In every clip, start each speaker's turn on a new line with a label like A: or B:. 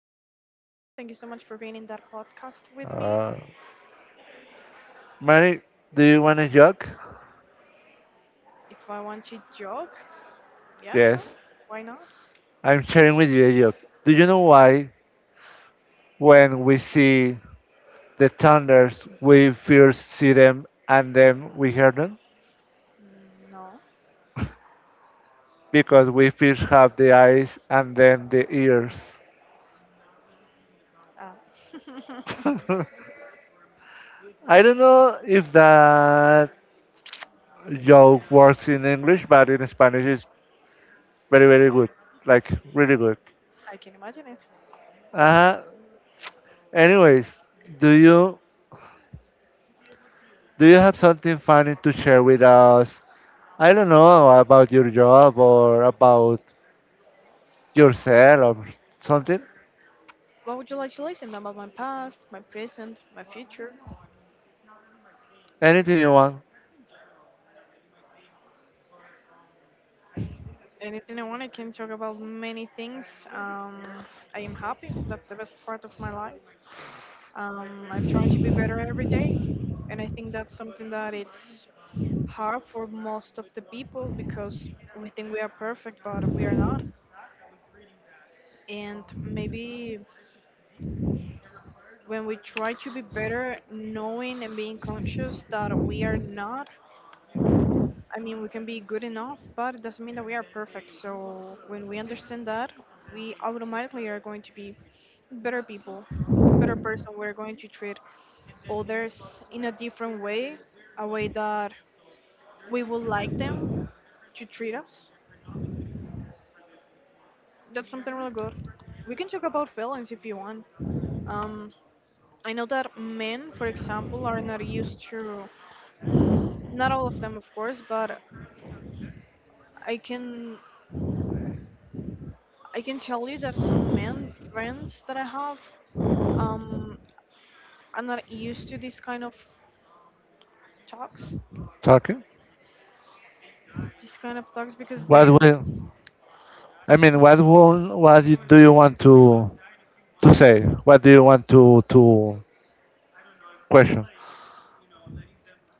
A: is going so good. Thank you so much for being in that podcast with me.
B: Uh, Mari, do you want a joke?
A: If I want to joke, yeah,
B: Yes.
A: sure. Why not?
B: I'm sharing with you a joke. Do you know why when we see the thunders, we first see them and then we hear them?
A: Mm, no.
B: Because we first have the eyes and then the ears.
A: Uh,
B: I don't know if that joke works in English, but in Spanish it's very, very good. Like, really good.
A: I can imagine it.
B: Uh-huh. Anyways, do you Do you have something funny to share with us? I don't know about your job or about yourself or something.
A: What would you like to listen about my past, my present, my future?
B: Anything you want
A: Anything I want, I can talk about many things. Um, I am happy. That's the best part of my life. I'm trying to be better every day, and I think that's something that it's hard for most of the people because we think we are perfect, but we are not. And maybe when we try to be better, knowing and being conscious that we are not, I mean, we can be good enough, but it doesn't mean that we are perfect. So when we understand that, we automatically are going to be better people, better person. We're going to treat others in a different way, a way that we would like them to treat us. That's something really good. We can talk about feelings if you want. Um, I know that men, for example, are not used to, not all of them, of course, but I can I can tell you that some men friends that I have um, are not used to this kind of talks,
B: talking?
A: this kind of talks because
B: What
A: they
B: will I mean? Do you want to say? What do you want to question?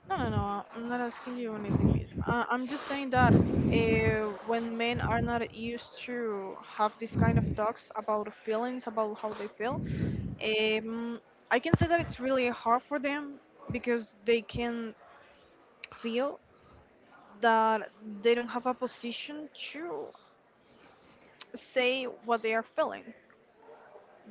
A: no, I'm not asking you anything. I'm just saying that when men are not used to have this kind of talks about feelings about how they feel. Um, I can say that it's really hard for them because they can feel that they don't have a position to say what they are feeling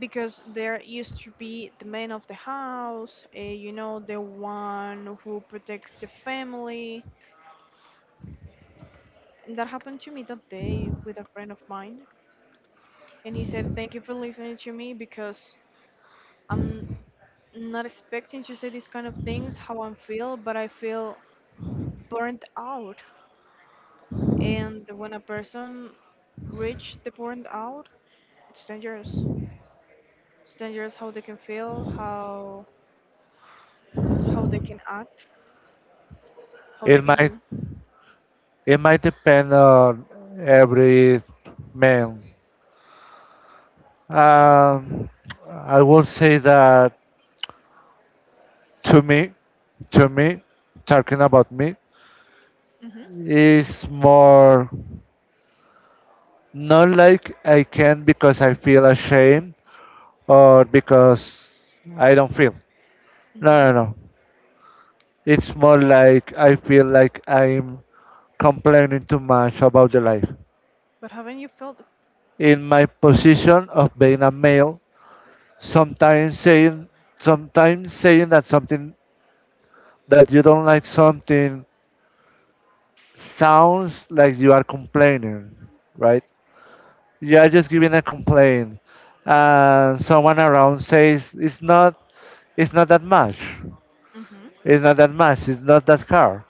A: because they're used to be the man of the house, you know, the one who protects the family. And that happened to me that day with a friend of mine, and he said, "Thank you for listening to me because I'm not expecting to say these kind of things how I feel, but I feel burnt out. And when a person reach the burnt out, it's dangerous. It's dangerous how they can feel, how they can act, how they
B: It
A: can
B: might
A: do.
B: it might depend on every man.
A: hmm
B: Um, I will say that to me, to me, talking about me is more, not like I can, because I feel ashamed, or because I don't feel.
A: hmm hmm
B: No, no, no. It's more like I feel like I'm complaining too much about the life.
A: But haven't you felt?
B: In my position of being a male, sometimes saying sometimes saying that something, that you don't like something, sounds like you are complaining, right? You're just giving a complaint, and someone around says it's not that much,
A: hmm
B: it's not that car.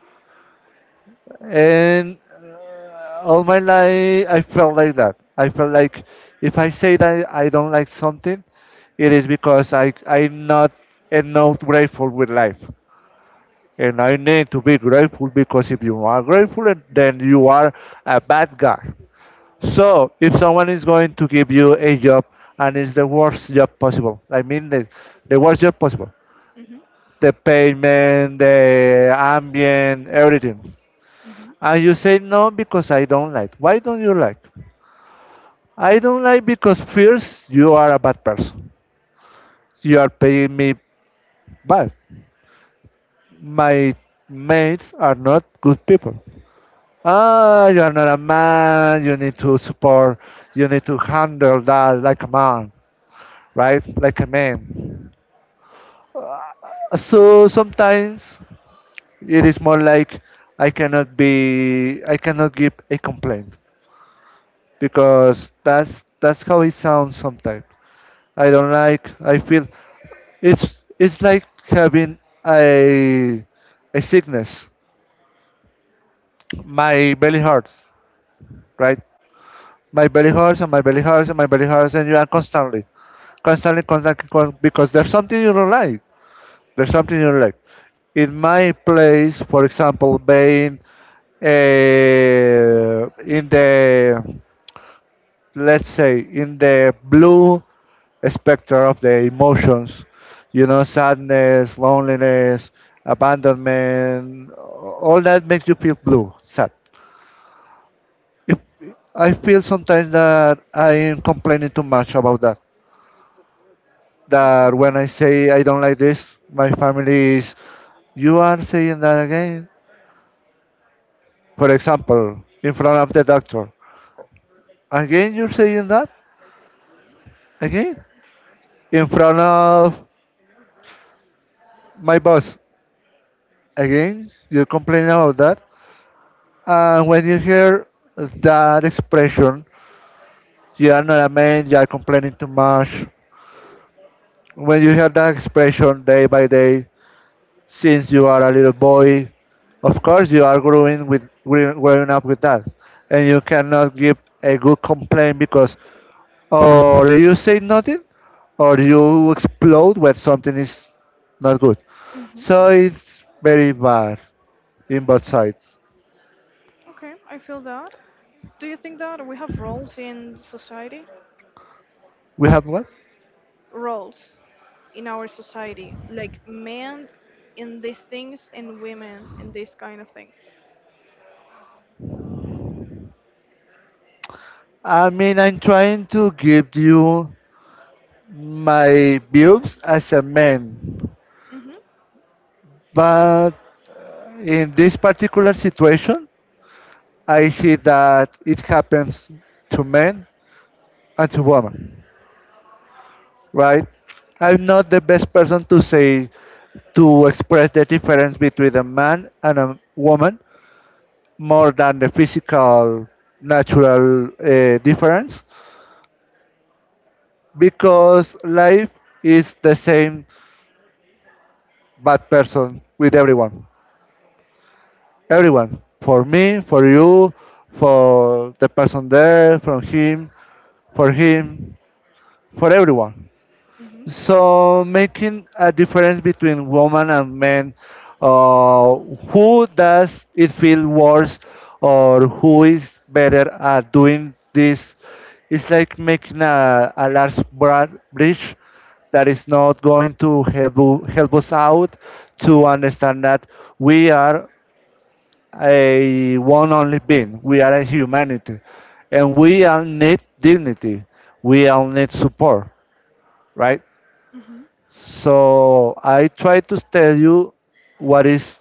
B: And all my life I felt like that. I felt like if I say that I don't like something, it is because I'm not enough grateful with life, and I need to be grateful, because if you are grateful then you are a bad guy. So if someone is going to give you a job, and it's the worst job possible, I mean the worst job possible,
A: hmm
B: the payment, the ambient, everything,
A: hmm
B: and you say no because I don't like. Why don't you like? I don't like because first you are a bad person. You are paying me bad. My mates are not good people. Ah, you are not a man. You need to support. You need to handle that like a man, right? Like a man. So sometimes it is more like I cannot be, I cannot give a complaint, because that's how it sounds sometimes. I don't like. I feel it's like having a a sickness. My belly hurts, right? My belly hurts, and my belly hurts, and my belly hurts, and you are constantly, constantly, because there's something you don't like. There's something you like. In my place, for example, being in the let's say in the blue spectrum of the emotions, you know, sadness, loneliness, abandonment, all that makes you feel blue, sad. If, I feel sometimes that I am complaining too much about that.
A: You
B: That
A: feel
B: when
A: that?
B: I say I don't like this, my family is, you are saying that again. For example, in front of the doctor. Again, you're saying that? Again? In front of my boss. Again, you complain about that. And when you hear that expression, you are not a man, you are complaining too much. When you hear that expression day by day, since you are a little boy, of course you are growing with growing up with that, and you cannot give a good complaint, because or you say nothing, or you explode when something is not good.
A: hmm
B: So it's very bad in both sides.
A: Okay, I feel that. Do you think that we have roles in society?
B: We have what?
A: Roles in our society, like men in these things and women in these kind of things.
B: I mean, I'm trying to give you my views as a man,
A: Mhm.
B: but in this particular situation, I see that it happens to men and to women, right? I'm not the best person to say to express the difference between a man and a woman, more than the physical natural difference, because life is the same bad person with everyone, for me, for you, for the person there, from him, for him, for everyone.
A: Mhm.
B: So making a difference between women and men, uh, who does it feel worse, or who is better at doing this? It's like making a large bridge that is not going to help us out to understand that we are a one only being. We are a humanity, and we all need dignity. We all need support, right?
A: Mhm.
B: So I try to tell you what is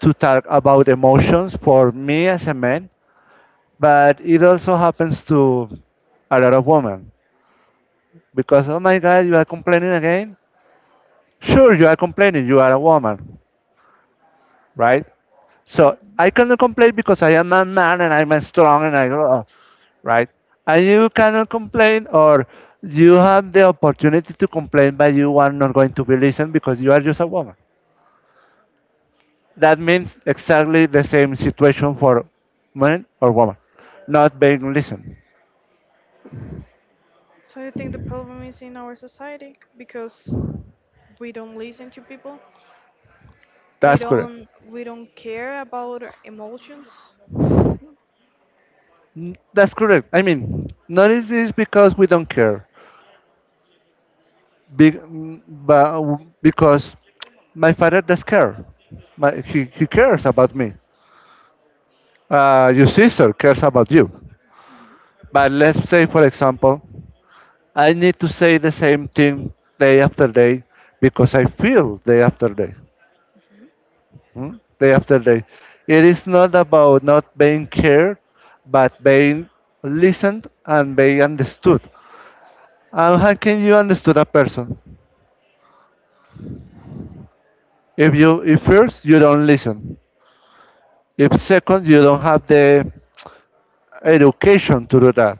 B: to talk about emotions for me as a man, but it also happens to a lot of women, because oh my god, you are complaining again. Sure, you are complaining. You are a woman, right? So I cannot complain because I am a man, and I'm a strong, and I go oh, right. And you cannot complain, or you have the opportunity to complain, but you are not going to be listened, because you are just a woman. That means exactly the same situation for man or woman, not being listened.
A: So you think the problem is in our society because we don't listen to people?
B: That's correct.
A: We don't care about our emotions.
B: That's correct. I mean, not is this because we don't care, but because my father does care. He cares about me. Your sister cares about you. But let's say, for example, I need to say the same thing day after day, because I feel day after day, day after day. It is not about not being cared, but being listened and being understood. And how can you understand a person? If first you don't listen, if second you don't have the education to do that.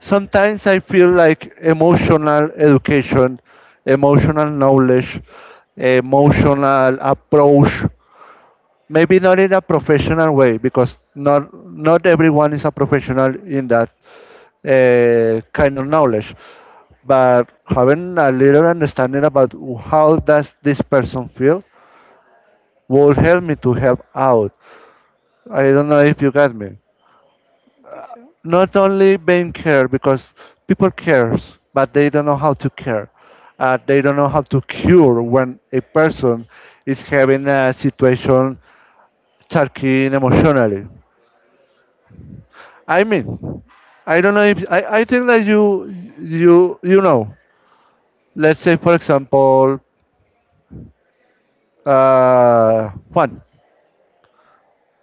B: Sometimes I feel like emotional education, emotional knowledge, emotional approach. Maybe not in a professional way, because not everyone is a professional in that kind of knowledge, but having a little understanding about how does this person feel will help me to help out. I don't know if you got me.
A: I think so.
B: Not only being care because people cares, but they don't know how to care. They don't know how to cure when a person is having a situation choking emotionally. I mean, I don't know if I, I think that you know. Let's say for example, Juan.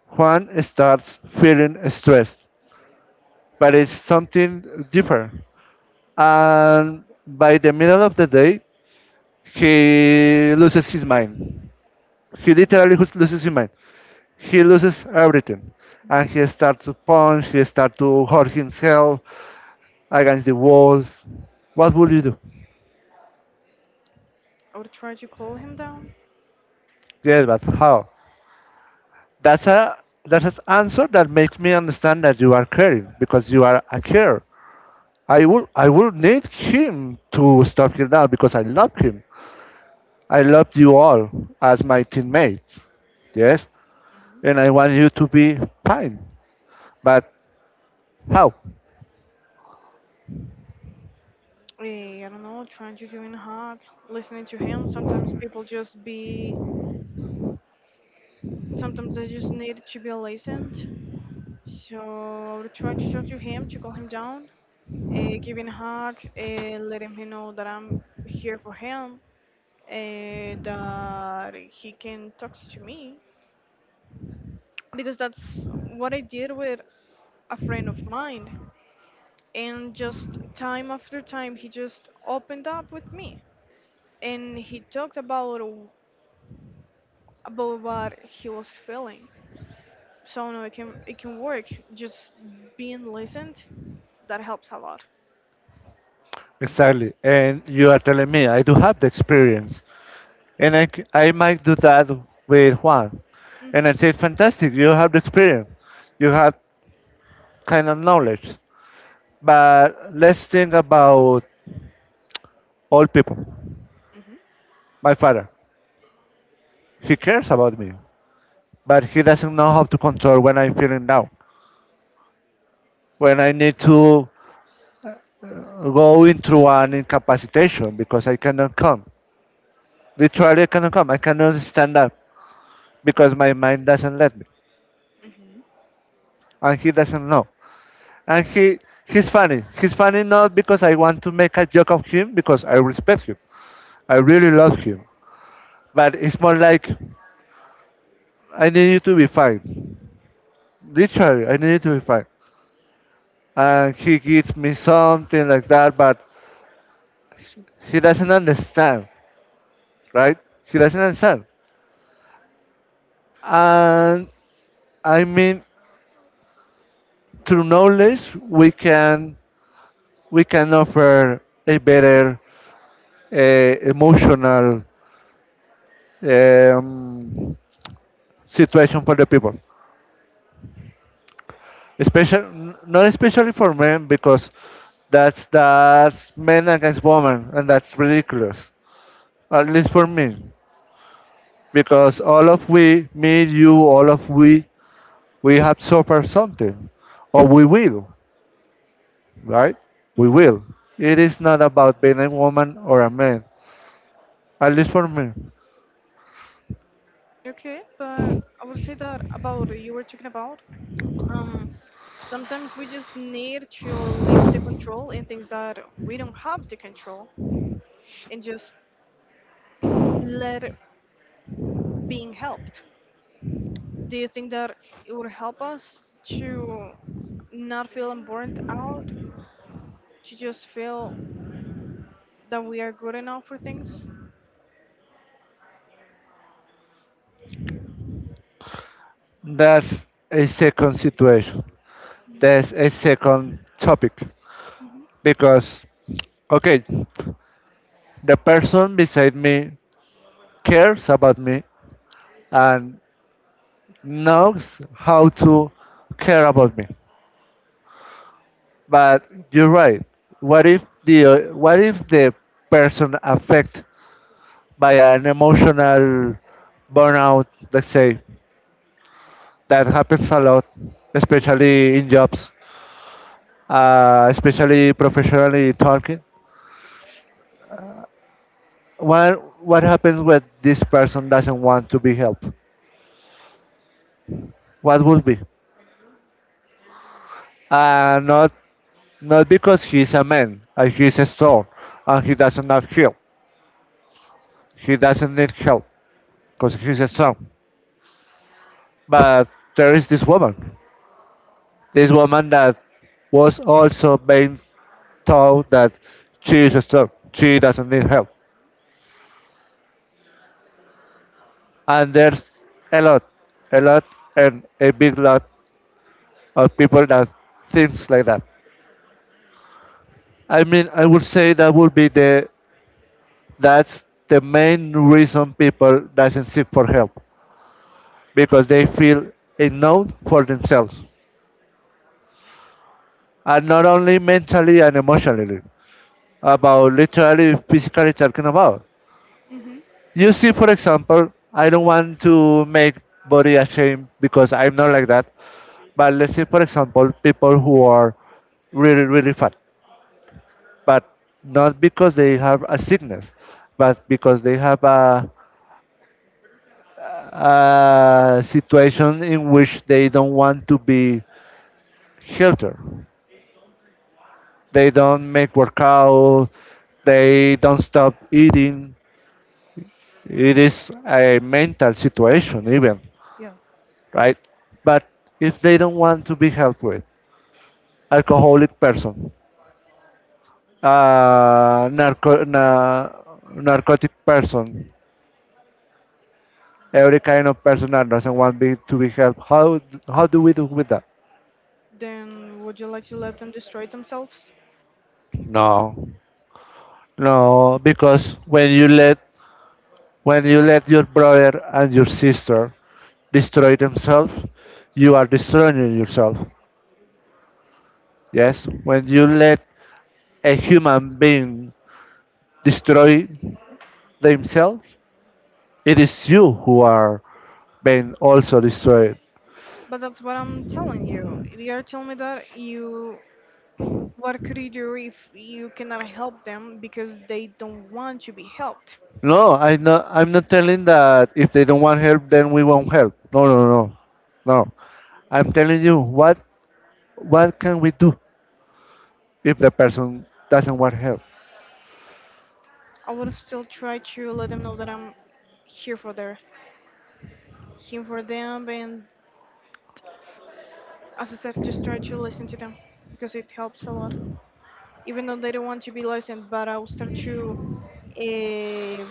B: Juan starts feeling stressed, but it's something different. And by the middle of the day, he loses his mind. He literally loses his mind. He loses everything.
A: Mhm.
B: And he starts to punch, he starts to hurt himself against the walls. What would you do?
A: I would try to calm him down.
B: Yes, but how? That's a that's an answer that makes me understand that you are caring because you are a carer. I will need him to stop here now because I love him. I love you all as my teammates. Yes, and I want you to be fine. But how
A: Eh, I don't know, trying to give him a hug, listening to him, sometimes people just be, sometimes they just need to be listened. So I would try to talk to him to calm him down, give him a hug, let him know that I'm here for him, that he can talk to me, because that's what I did with a friend of mine. And just time after time, he just opened up with me, and he talked about about what he was feeling. So no, it can work. Just being listened, that helps a lot.
B: exactly? And you are telling me I do have the experience, and I might do that with Juan.
A: Mhm.
B: And I said, fantastic, you have the experience, you have kind of knowledge. But let's think about all people.
A: Mhm.
B: My father, he cares about me, but he doesn't know how to control when I'm feeling down, when I need to go into an incapacitation because I cannot come. Literally, I cannot come. I cannot stand up because my mind doesn't let me,
A: Mhm.
B: and he doesn't know. And he's funny. He's funny, not because I want to make a joke of him, because I respect him. I really love him, but it's more like I need you to be fine. Literally, I need you to be fine. And he gives me something like that, but he doesn't understand, right? He doesn't understand. And I mean, through knowledge, we can we can offer a better emotional um, situation for the people, especially, not especially for men, because that's men against women, and that's ridiculous, at least for me, because all of we, me, you, all of we have suffered something, or we will, right? We
A: Mhm.
B: will. It is not about being a woman or a man, at least for me.
A: Okay, but I would say that about you were talking about. Um, Sometimes we just need to leave the control in things that we don't have the control, and just let it being helped. Do you think that it would help us to not feel burnt out, to just feel that we are good enough for things?
B: That's a second situation. That's a second topic. Because, okay, the person beside me cares about me and knows how to care about me. But you're right. What if the what if the person affected by an emotional burnout, let's say, that happens a lot, especially in jobs, especially professionally talking. What happens when this person doesn't want to be helped? What would be? Uh, not Not because he's a man, he's strong, and he doesn't have help. He doesn't need help because he's a strong. But there is this woman, that was also being told that she is strong, she doesn't need help. And there's a lot, a lot, and a big lot of people that thinks like that. I mean, I would say that would be the that's the main reason people doesn't seek for help, because they feel enough for themselves, and not only mentally and emotionally, about literally physically talking about.
A: Mm-hmm.
B: You see, for example, I don't want to make body ashamed because I'm not like that. But let's say, for example, people who are really, really fat, but not because they have a sickness, but because they have a situation in which they don't want to be healthier. They don't make workout, they don't stop eating. It is a mental situation, even,
A: Yeah.
B: right? But if they don't want to be helped with, alcoholic person, uh, narco- na- narcotic person, every kind of person that doesn't want to be helped. How do we do with that?
A: Then would you like to let them destroy themselves?
B: No, no, because when you let your brother and your sister destroy themselves, you are destroying yourself. Yes, when you let a human being destroy themselves, it is you who are being also destroyed.
A: But that's what I'm telling you. You are telling me that you. What could you do if you cannot help them because they don't want to be helped?
B: No, I'm not. I'm not telling that if they don't want help, then we won't help. No, no, no, no. I'm telling you what can we do if the person doesn't want help.
A: I would still try to let them know that I'm here for their, here for them, and as I said, just try to listen to them because it helps a lot. Even though they don't want to be listened, but I'll start to uh,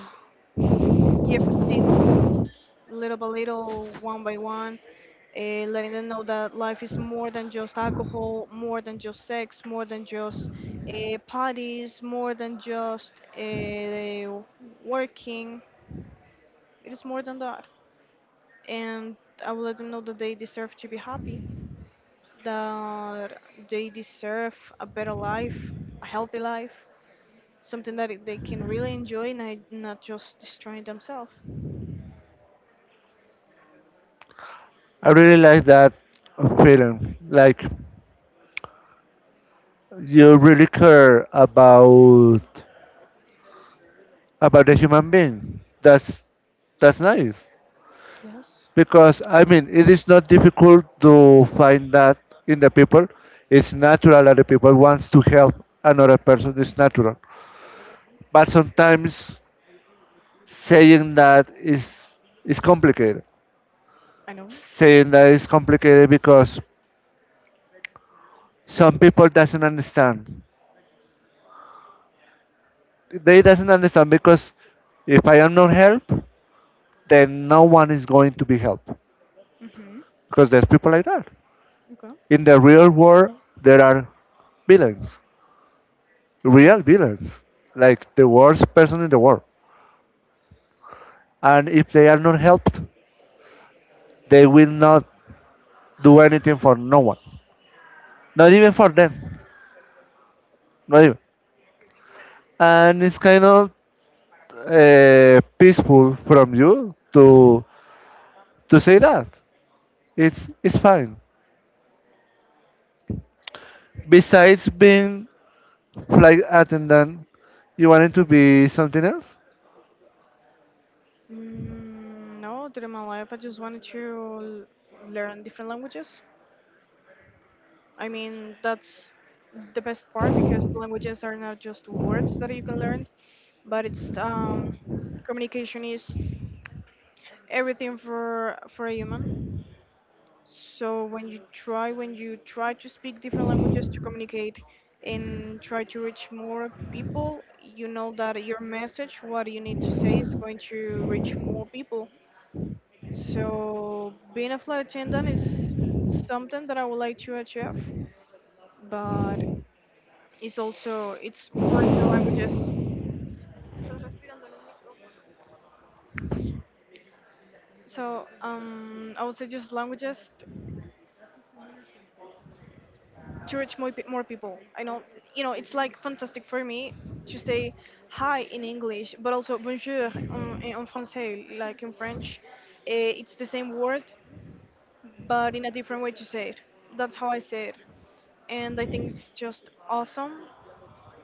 A: give seats little by little, one by one, letting them know that life is more than just alcohol, more than just sex, more than just parties, more than just working. It is more than that. And I will let them know that they deserve to be happy, that they deserve a better life, a healthy life, something that they can really enjoy and not just destroying themselves.
B: I really like that feeling. Like you really care about the human being. That's nice
A: Yes,
B: because I mean it is not difficult to find that in the people. It's natural that the people wants to help another person. It's natural. But sometimes saying that is is complicated.
A: I know.
B: Saying that is complicated because some people doesn't understand. They doesn't understand because if I am not help, then no one is going to be helped
A: hmm
B: because there's people like that. In the real world, there are villains,
A: Okay.
B: real villains, like the worst person in the world. And if they are not helped, they will not do anything for no one, not even for them, not even. And it's kind of peaceful from you to say that it's fine. Besides being flight attendant, you wanted to be something else.
A: Mm, no, during my life, I just wanted to learn different languages. I mean, that's the best part because languages are not just words that you can learn, but it's communication is everything for a human. So when you try to speak different languages to communicate and try to reach more people, you know that your message, what you need to say, is going to reach more people. So being a flight attendant is something that I would like to achieve, but it's for the languages. So I would say just languages to reach more people. I know you know it's like fantastic for me to say hi in English, but also bonjour en français, like in French. It's the same word, but in a different way to say it. That's how I say it, and I think it's just awesome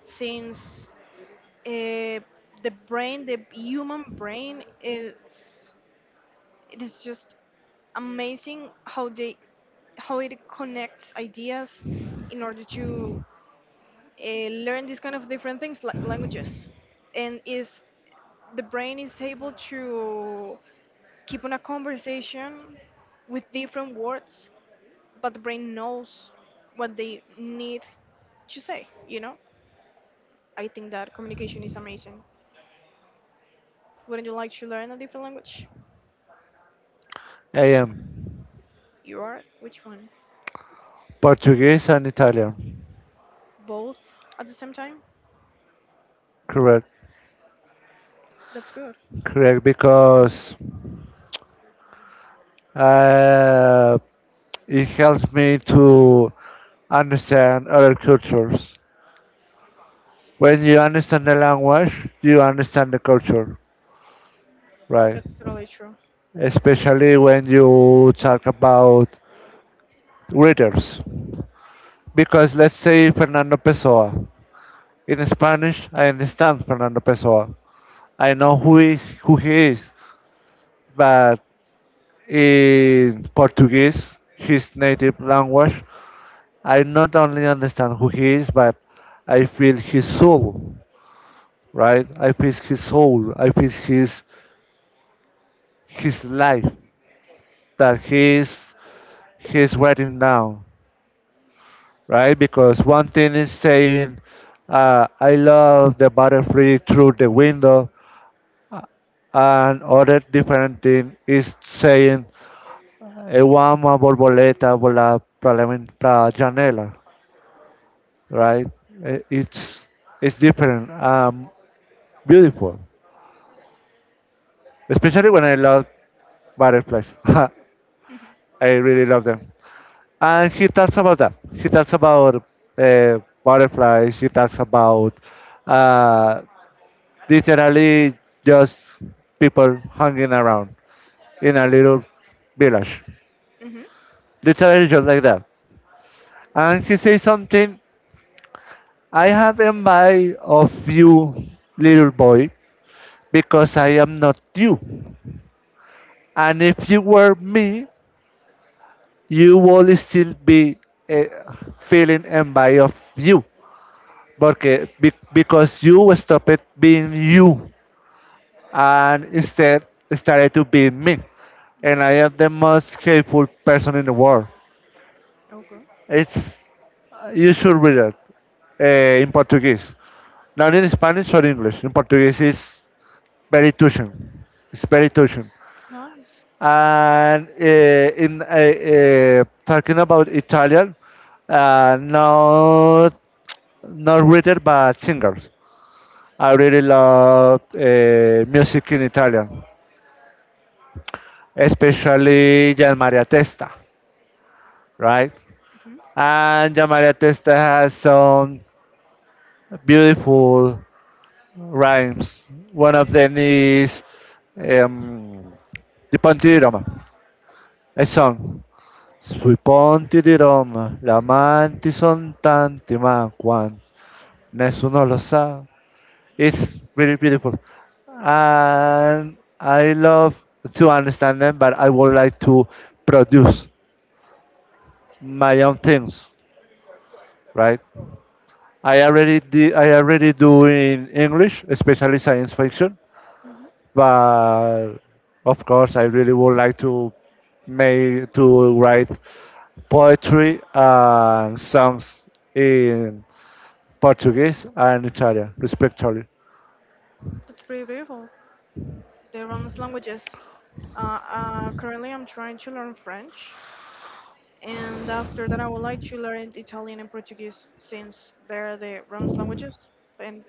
A: since uh, the human brain, is it is just amazing how they how it connects ideas in order to learn these kind of different things like languages, and is the brain is able to keep on a conversation with different words, but the brain knows what they need to say. You know, I think that communication is amazing. Wouldn't you like to learn a different language?
B: I am
A: You are? Which one?
B: Portuguese and Italian.
A: Both at the same time?
B: Correct.
A: That's good.
B: Correct because uh, it helps me to understand other cultures. When you understand the language, you understand the culture, right?
A: That's really true.
B: Especially when you talk about readers. Because let's say Fernando Pessoa. In Spanish, I understand Fernando Pessoa. I know who he is, but in Portuguese, his native language, I not only understand who he is, but I feel his soul, right? I feel his soul. I feel his life that he is writing down, right? Because one thing is saying, I love the butterfly through the window, uh, and other different thing is saying, eu amo a borboleta volar para la a janela, right? Uh, It's it's different, beautiful, especially when I love butterflies. I really love them. And he talks about that. He talks about uh, butterflies. He talks about uh, literally just people hanging around in a little village.
A: Mm-hmm.
B: Literally just like that. And he says something, I have envy of you, little boy, because I am not you. And if you were me, you would still be eh, feeling envy of you. Because you stopped being you and instead started to beat me. And I am the most hateful person in the world.
A: Okay.
B: It's you should read it in Portuguese, not in Spanish or English. In Portuguese, it's very touching. It's very touching.
A: Nice.
B: And in talking about Italian, uh, not not reader but singers. I really love music in Italian, especially Gian Maria Testa, right?
A: Mm-hmm.
B: And Jamaria Testa has some beautiful rhymes. One of them is um, Di Ponti di Roma, a song. Sui ponti di Roma, gli amanti son tanti, ma quanti, nessuno lo sa. It's really beautiful. And I love to understand them, but I would like to produce my own things, right? I already do in English, especially science fiction.
A: Mm-hmm.
B: But of course, I really would like to make to write poetry and songs in Portuguese and Italian, respectively.
A: That's pretty beautiful. They run as languages. Currently, I'm trying to learn French, and after that, I would like to learn Italian and Portuguese since they're the Romance languages and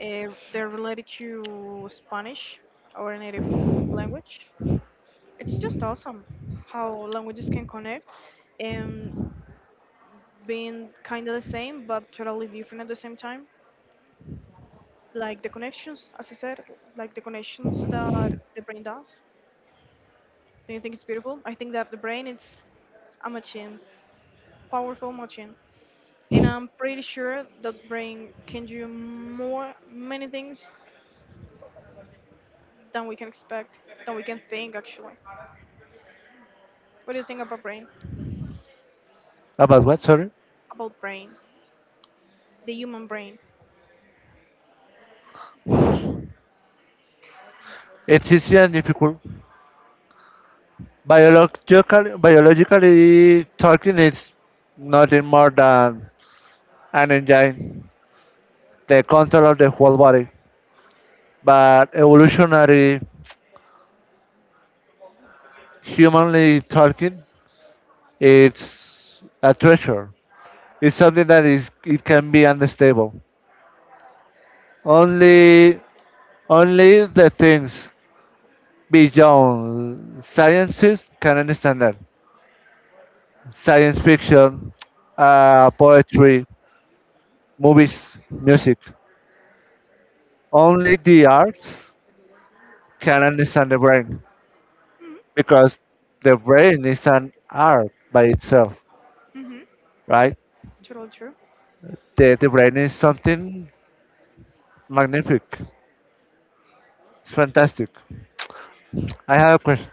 A: they're related to Spanish, our native language. It's just awesome how languages can connect and being kind of the same but totally different at the same time. Like the connections, as I said, like the connections that the brain does. Do you think it's beautiful? I think that the brain is a machine, powerful machine, and I'm pretty sure the brain can do more, many things than we can expect, than we can think actually. What do you think about brain?
B: About what? Sorry.
A: About brain, the human brain.
B: It's easy and difficult. Biologically talking, it's nothing more than an engine, the control of the whole body. But evolutionary humanly talking, it's a treasure. It's something that is it can be unstable. Only only the things beyond sciences can understand that. Science fiction, poetry, movies, music. Only the arts can understand the brain
A: Mm-hmm.
B: because the brain is an art by itself,
A: Mm-hmm.
B: right?
A: Totally true.
B: The brain is something magnific. It's fantastic. I have a question.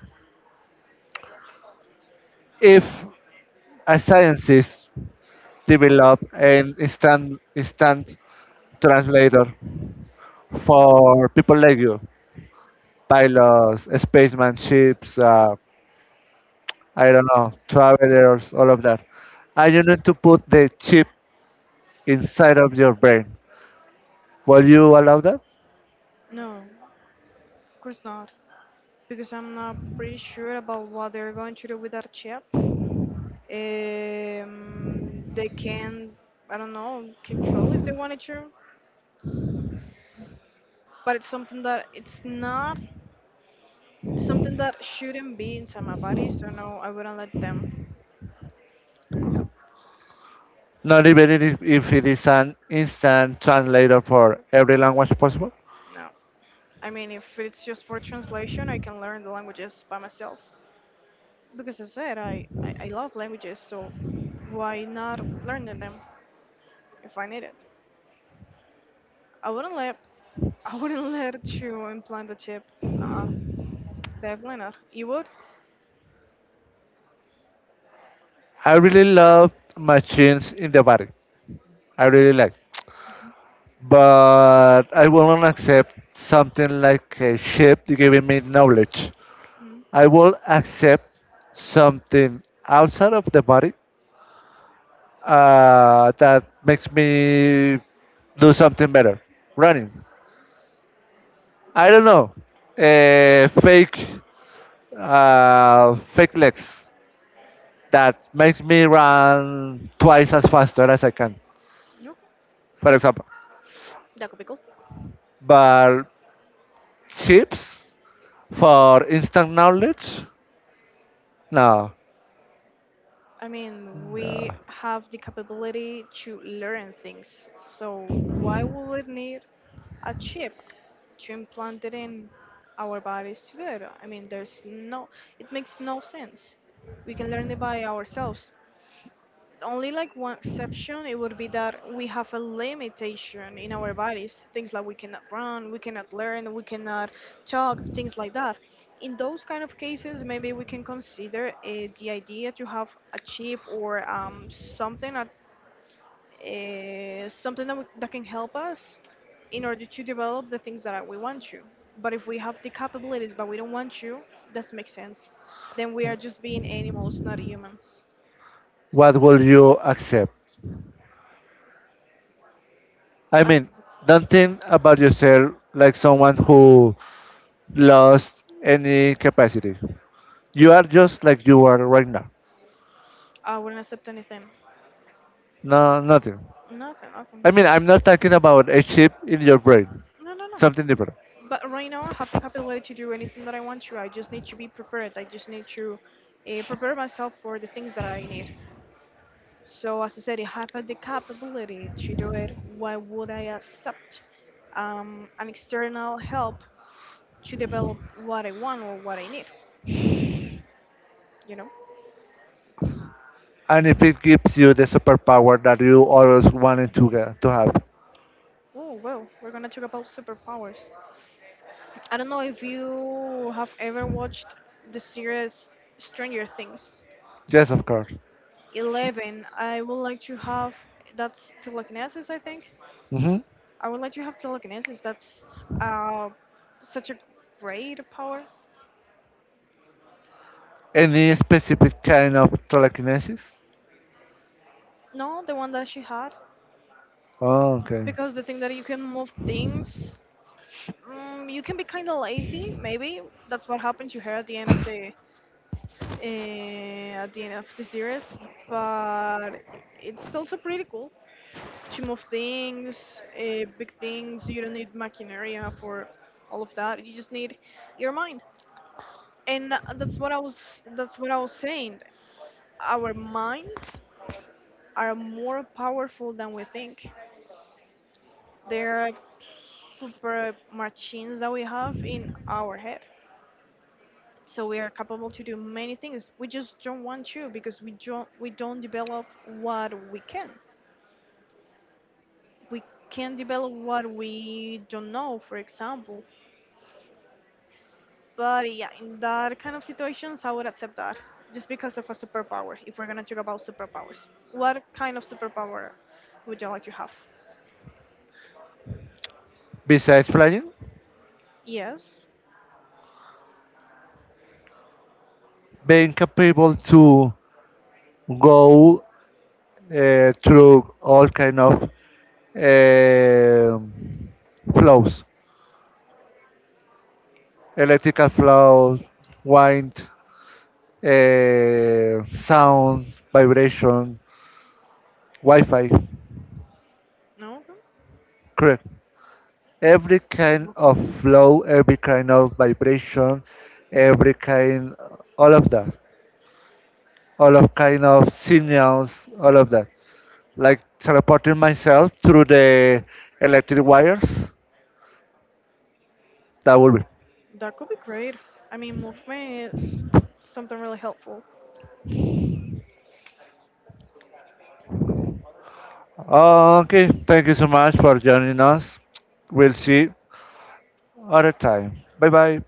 B: If a scientist develop an instant translator for people like you, pilots, spaceman, ships, I don't know, travelers, all of that, and you need to put the chip inside of your brain, will you allow that?
A: No. Of course not, because I'm not pretty sure about what they're going to do with that chip. Um, they can, I don't know, control if they wanted to, but it's something that it's not something that shouldn't be inside my body. So no, I wouldn't let them. No,
B: Not even if it is an instant translator for every language possible.
A: no. I mean, if it's just for translation, I can learn the languages by myself. Because as I said, I love languages, so why not learn them if I need it? I wouldn't let I wouldn't let you implant the chip. Uh-uh, definitely not. You would?
B: I really love machines in the body. I really like. But I will not accept something like a ship giving me knowledge.
A: Mm,
B: I will accept something outside of the body that makes me do something better. Running. I don't know. A fake legs that makes me run twice as faster as I can,
A: no.
B: for example. But chips for instant knowledge? No.
A: I mean, we
B: Yeah.
A: have the capability to learn things, so why would we need a chip to implant it in our bodies to I mean, there's no, it makes no sense. We can learn it by ourselves. Only like one exception, it would be that we have a limitation in our bodies, things like we cannot run, we cannot learn, we cannot talk, things like that. In those kind of cases maybe we can consider the idea to have a chip or that can help us in order to develop the things that we want to, but if we have the capabilities but we don't want to, that makes sense, then we are just being animals, not humans.
B: What will you accept? I
A: As-
B: mean, don't think about yourself like someone who lost any capacity. You are just like you are right now.
A: I wouldn't accept anything.
B: No, nothing.
A: Nothing, nothing.
B: I mean, I'm not talking about a chip in your brain,
A: No, no, no.
B: something different.
A: But right now, I have the capability to do anything that I want to. I just need to be prepared. I just need to prepare myself for the things that I need. So, as I said, if I have the capability to do it, why would I accept an external help to develop what I want or what I need? You know?
B: And if it gives you the superpower that you always wanted to have,
A: Oh, well, we're gonna talk about superpowers. I don't know if you have ever watched the series Stranger Things.
B: yes, of course.
A: Eleven. I would like to have that's telekinesis. I think
B: Hmm.
A: I would like to have telekinesis. That's uh such a great power.
B: Any specific kind of telekinesis?
A: No, the one that she had
B: Oh, okay.
A: because the thing that you can move things. You can be kind of lazy, maybe. That's what happened to her at the end of the uh, at the end of the series. But it's also pretty cool to move things, big things. You don't need maquinaria for all of that. You just need your mind. And that's what I was saying, our minds are more powerful than we think, they're super machines that we have in our head, so we are capable to do many things, we just don't want to because we don't develop what we can, we can develop what we don't know, for example. But yeah, in that kind of situations, I would accept that just because of a superpower. If we're gonna talk about superpowers, what kind of superpower would you like to have?
B: Besides flying,
A: Yes.
B: being capable to go through all kind of um flows, electrical flow, wind, sound, vibration, Wi-Fi.
A: No. No?
B: Correct. Every kind of
A: Movement.
B: flow, every kind of vibration, every kind, all of that, all of kind of signals, all of that. Like teleporting myself through the electric wires, that would be
A: That could be great. I mean, movement is something really helpful.
B: Okay, thank you so much for joining us. We'll see other time. Bye bye.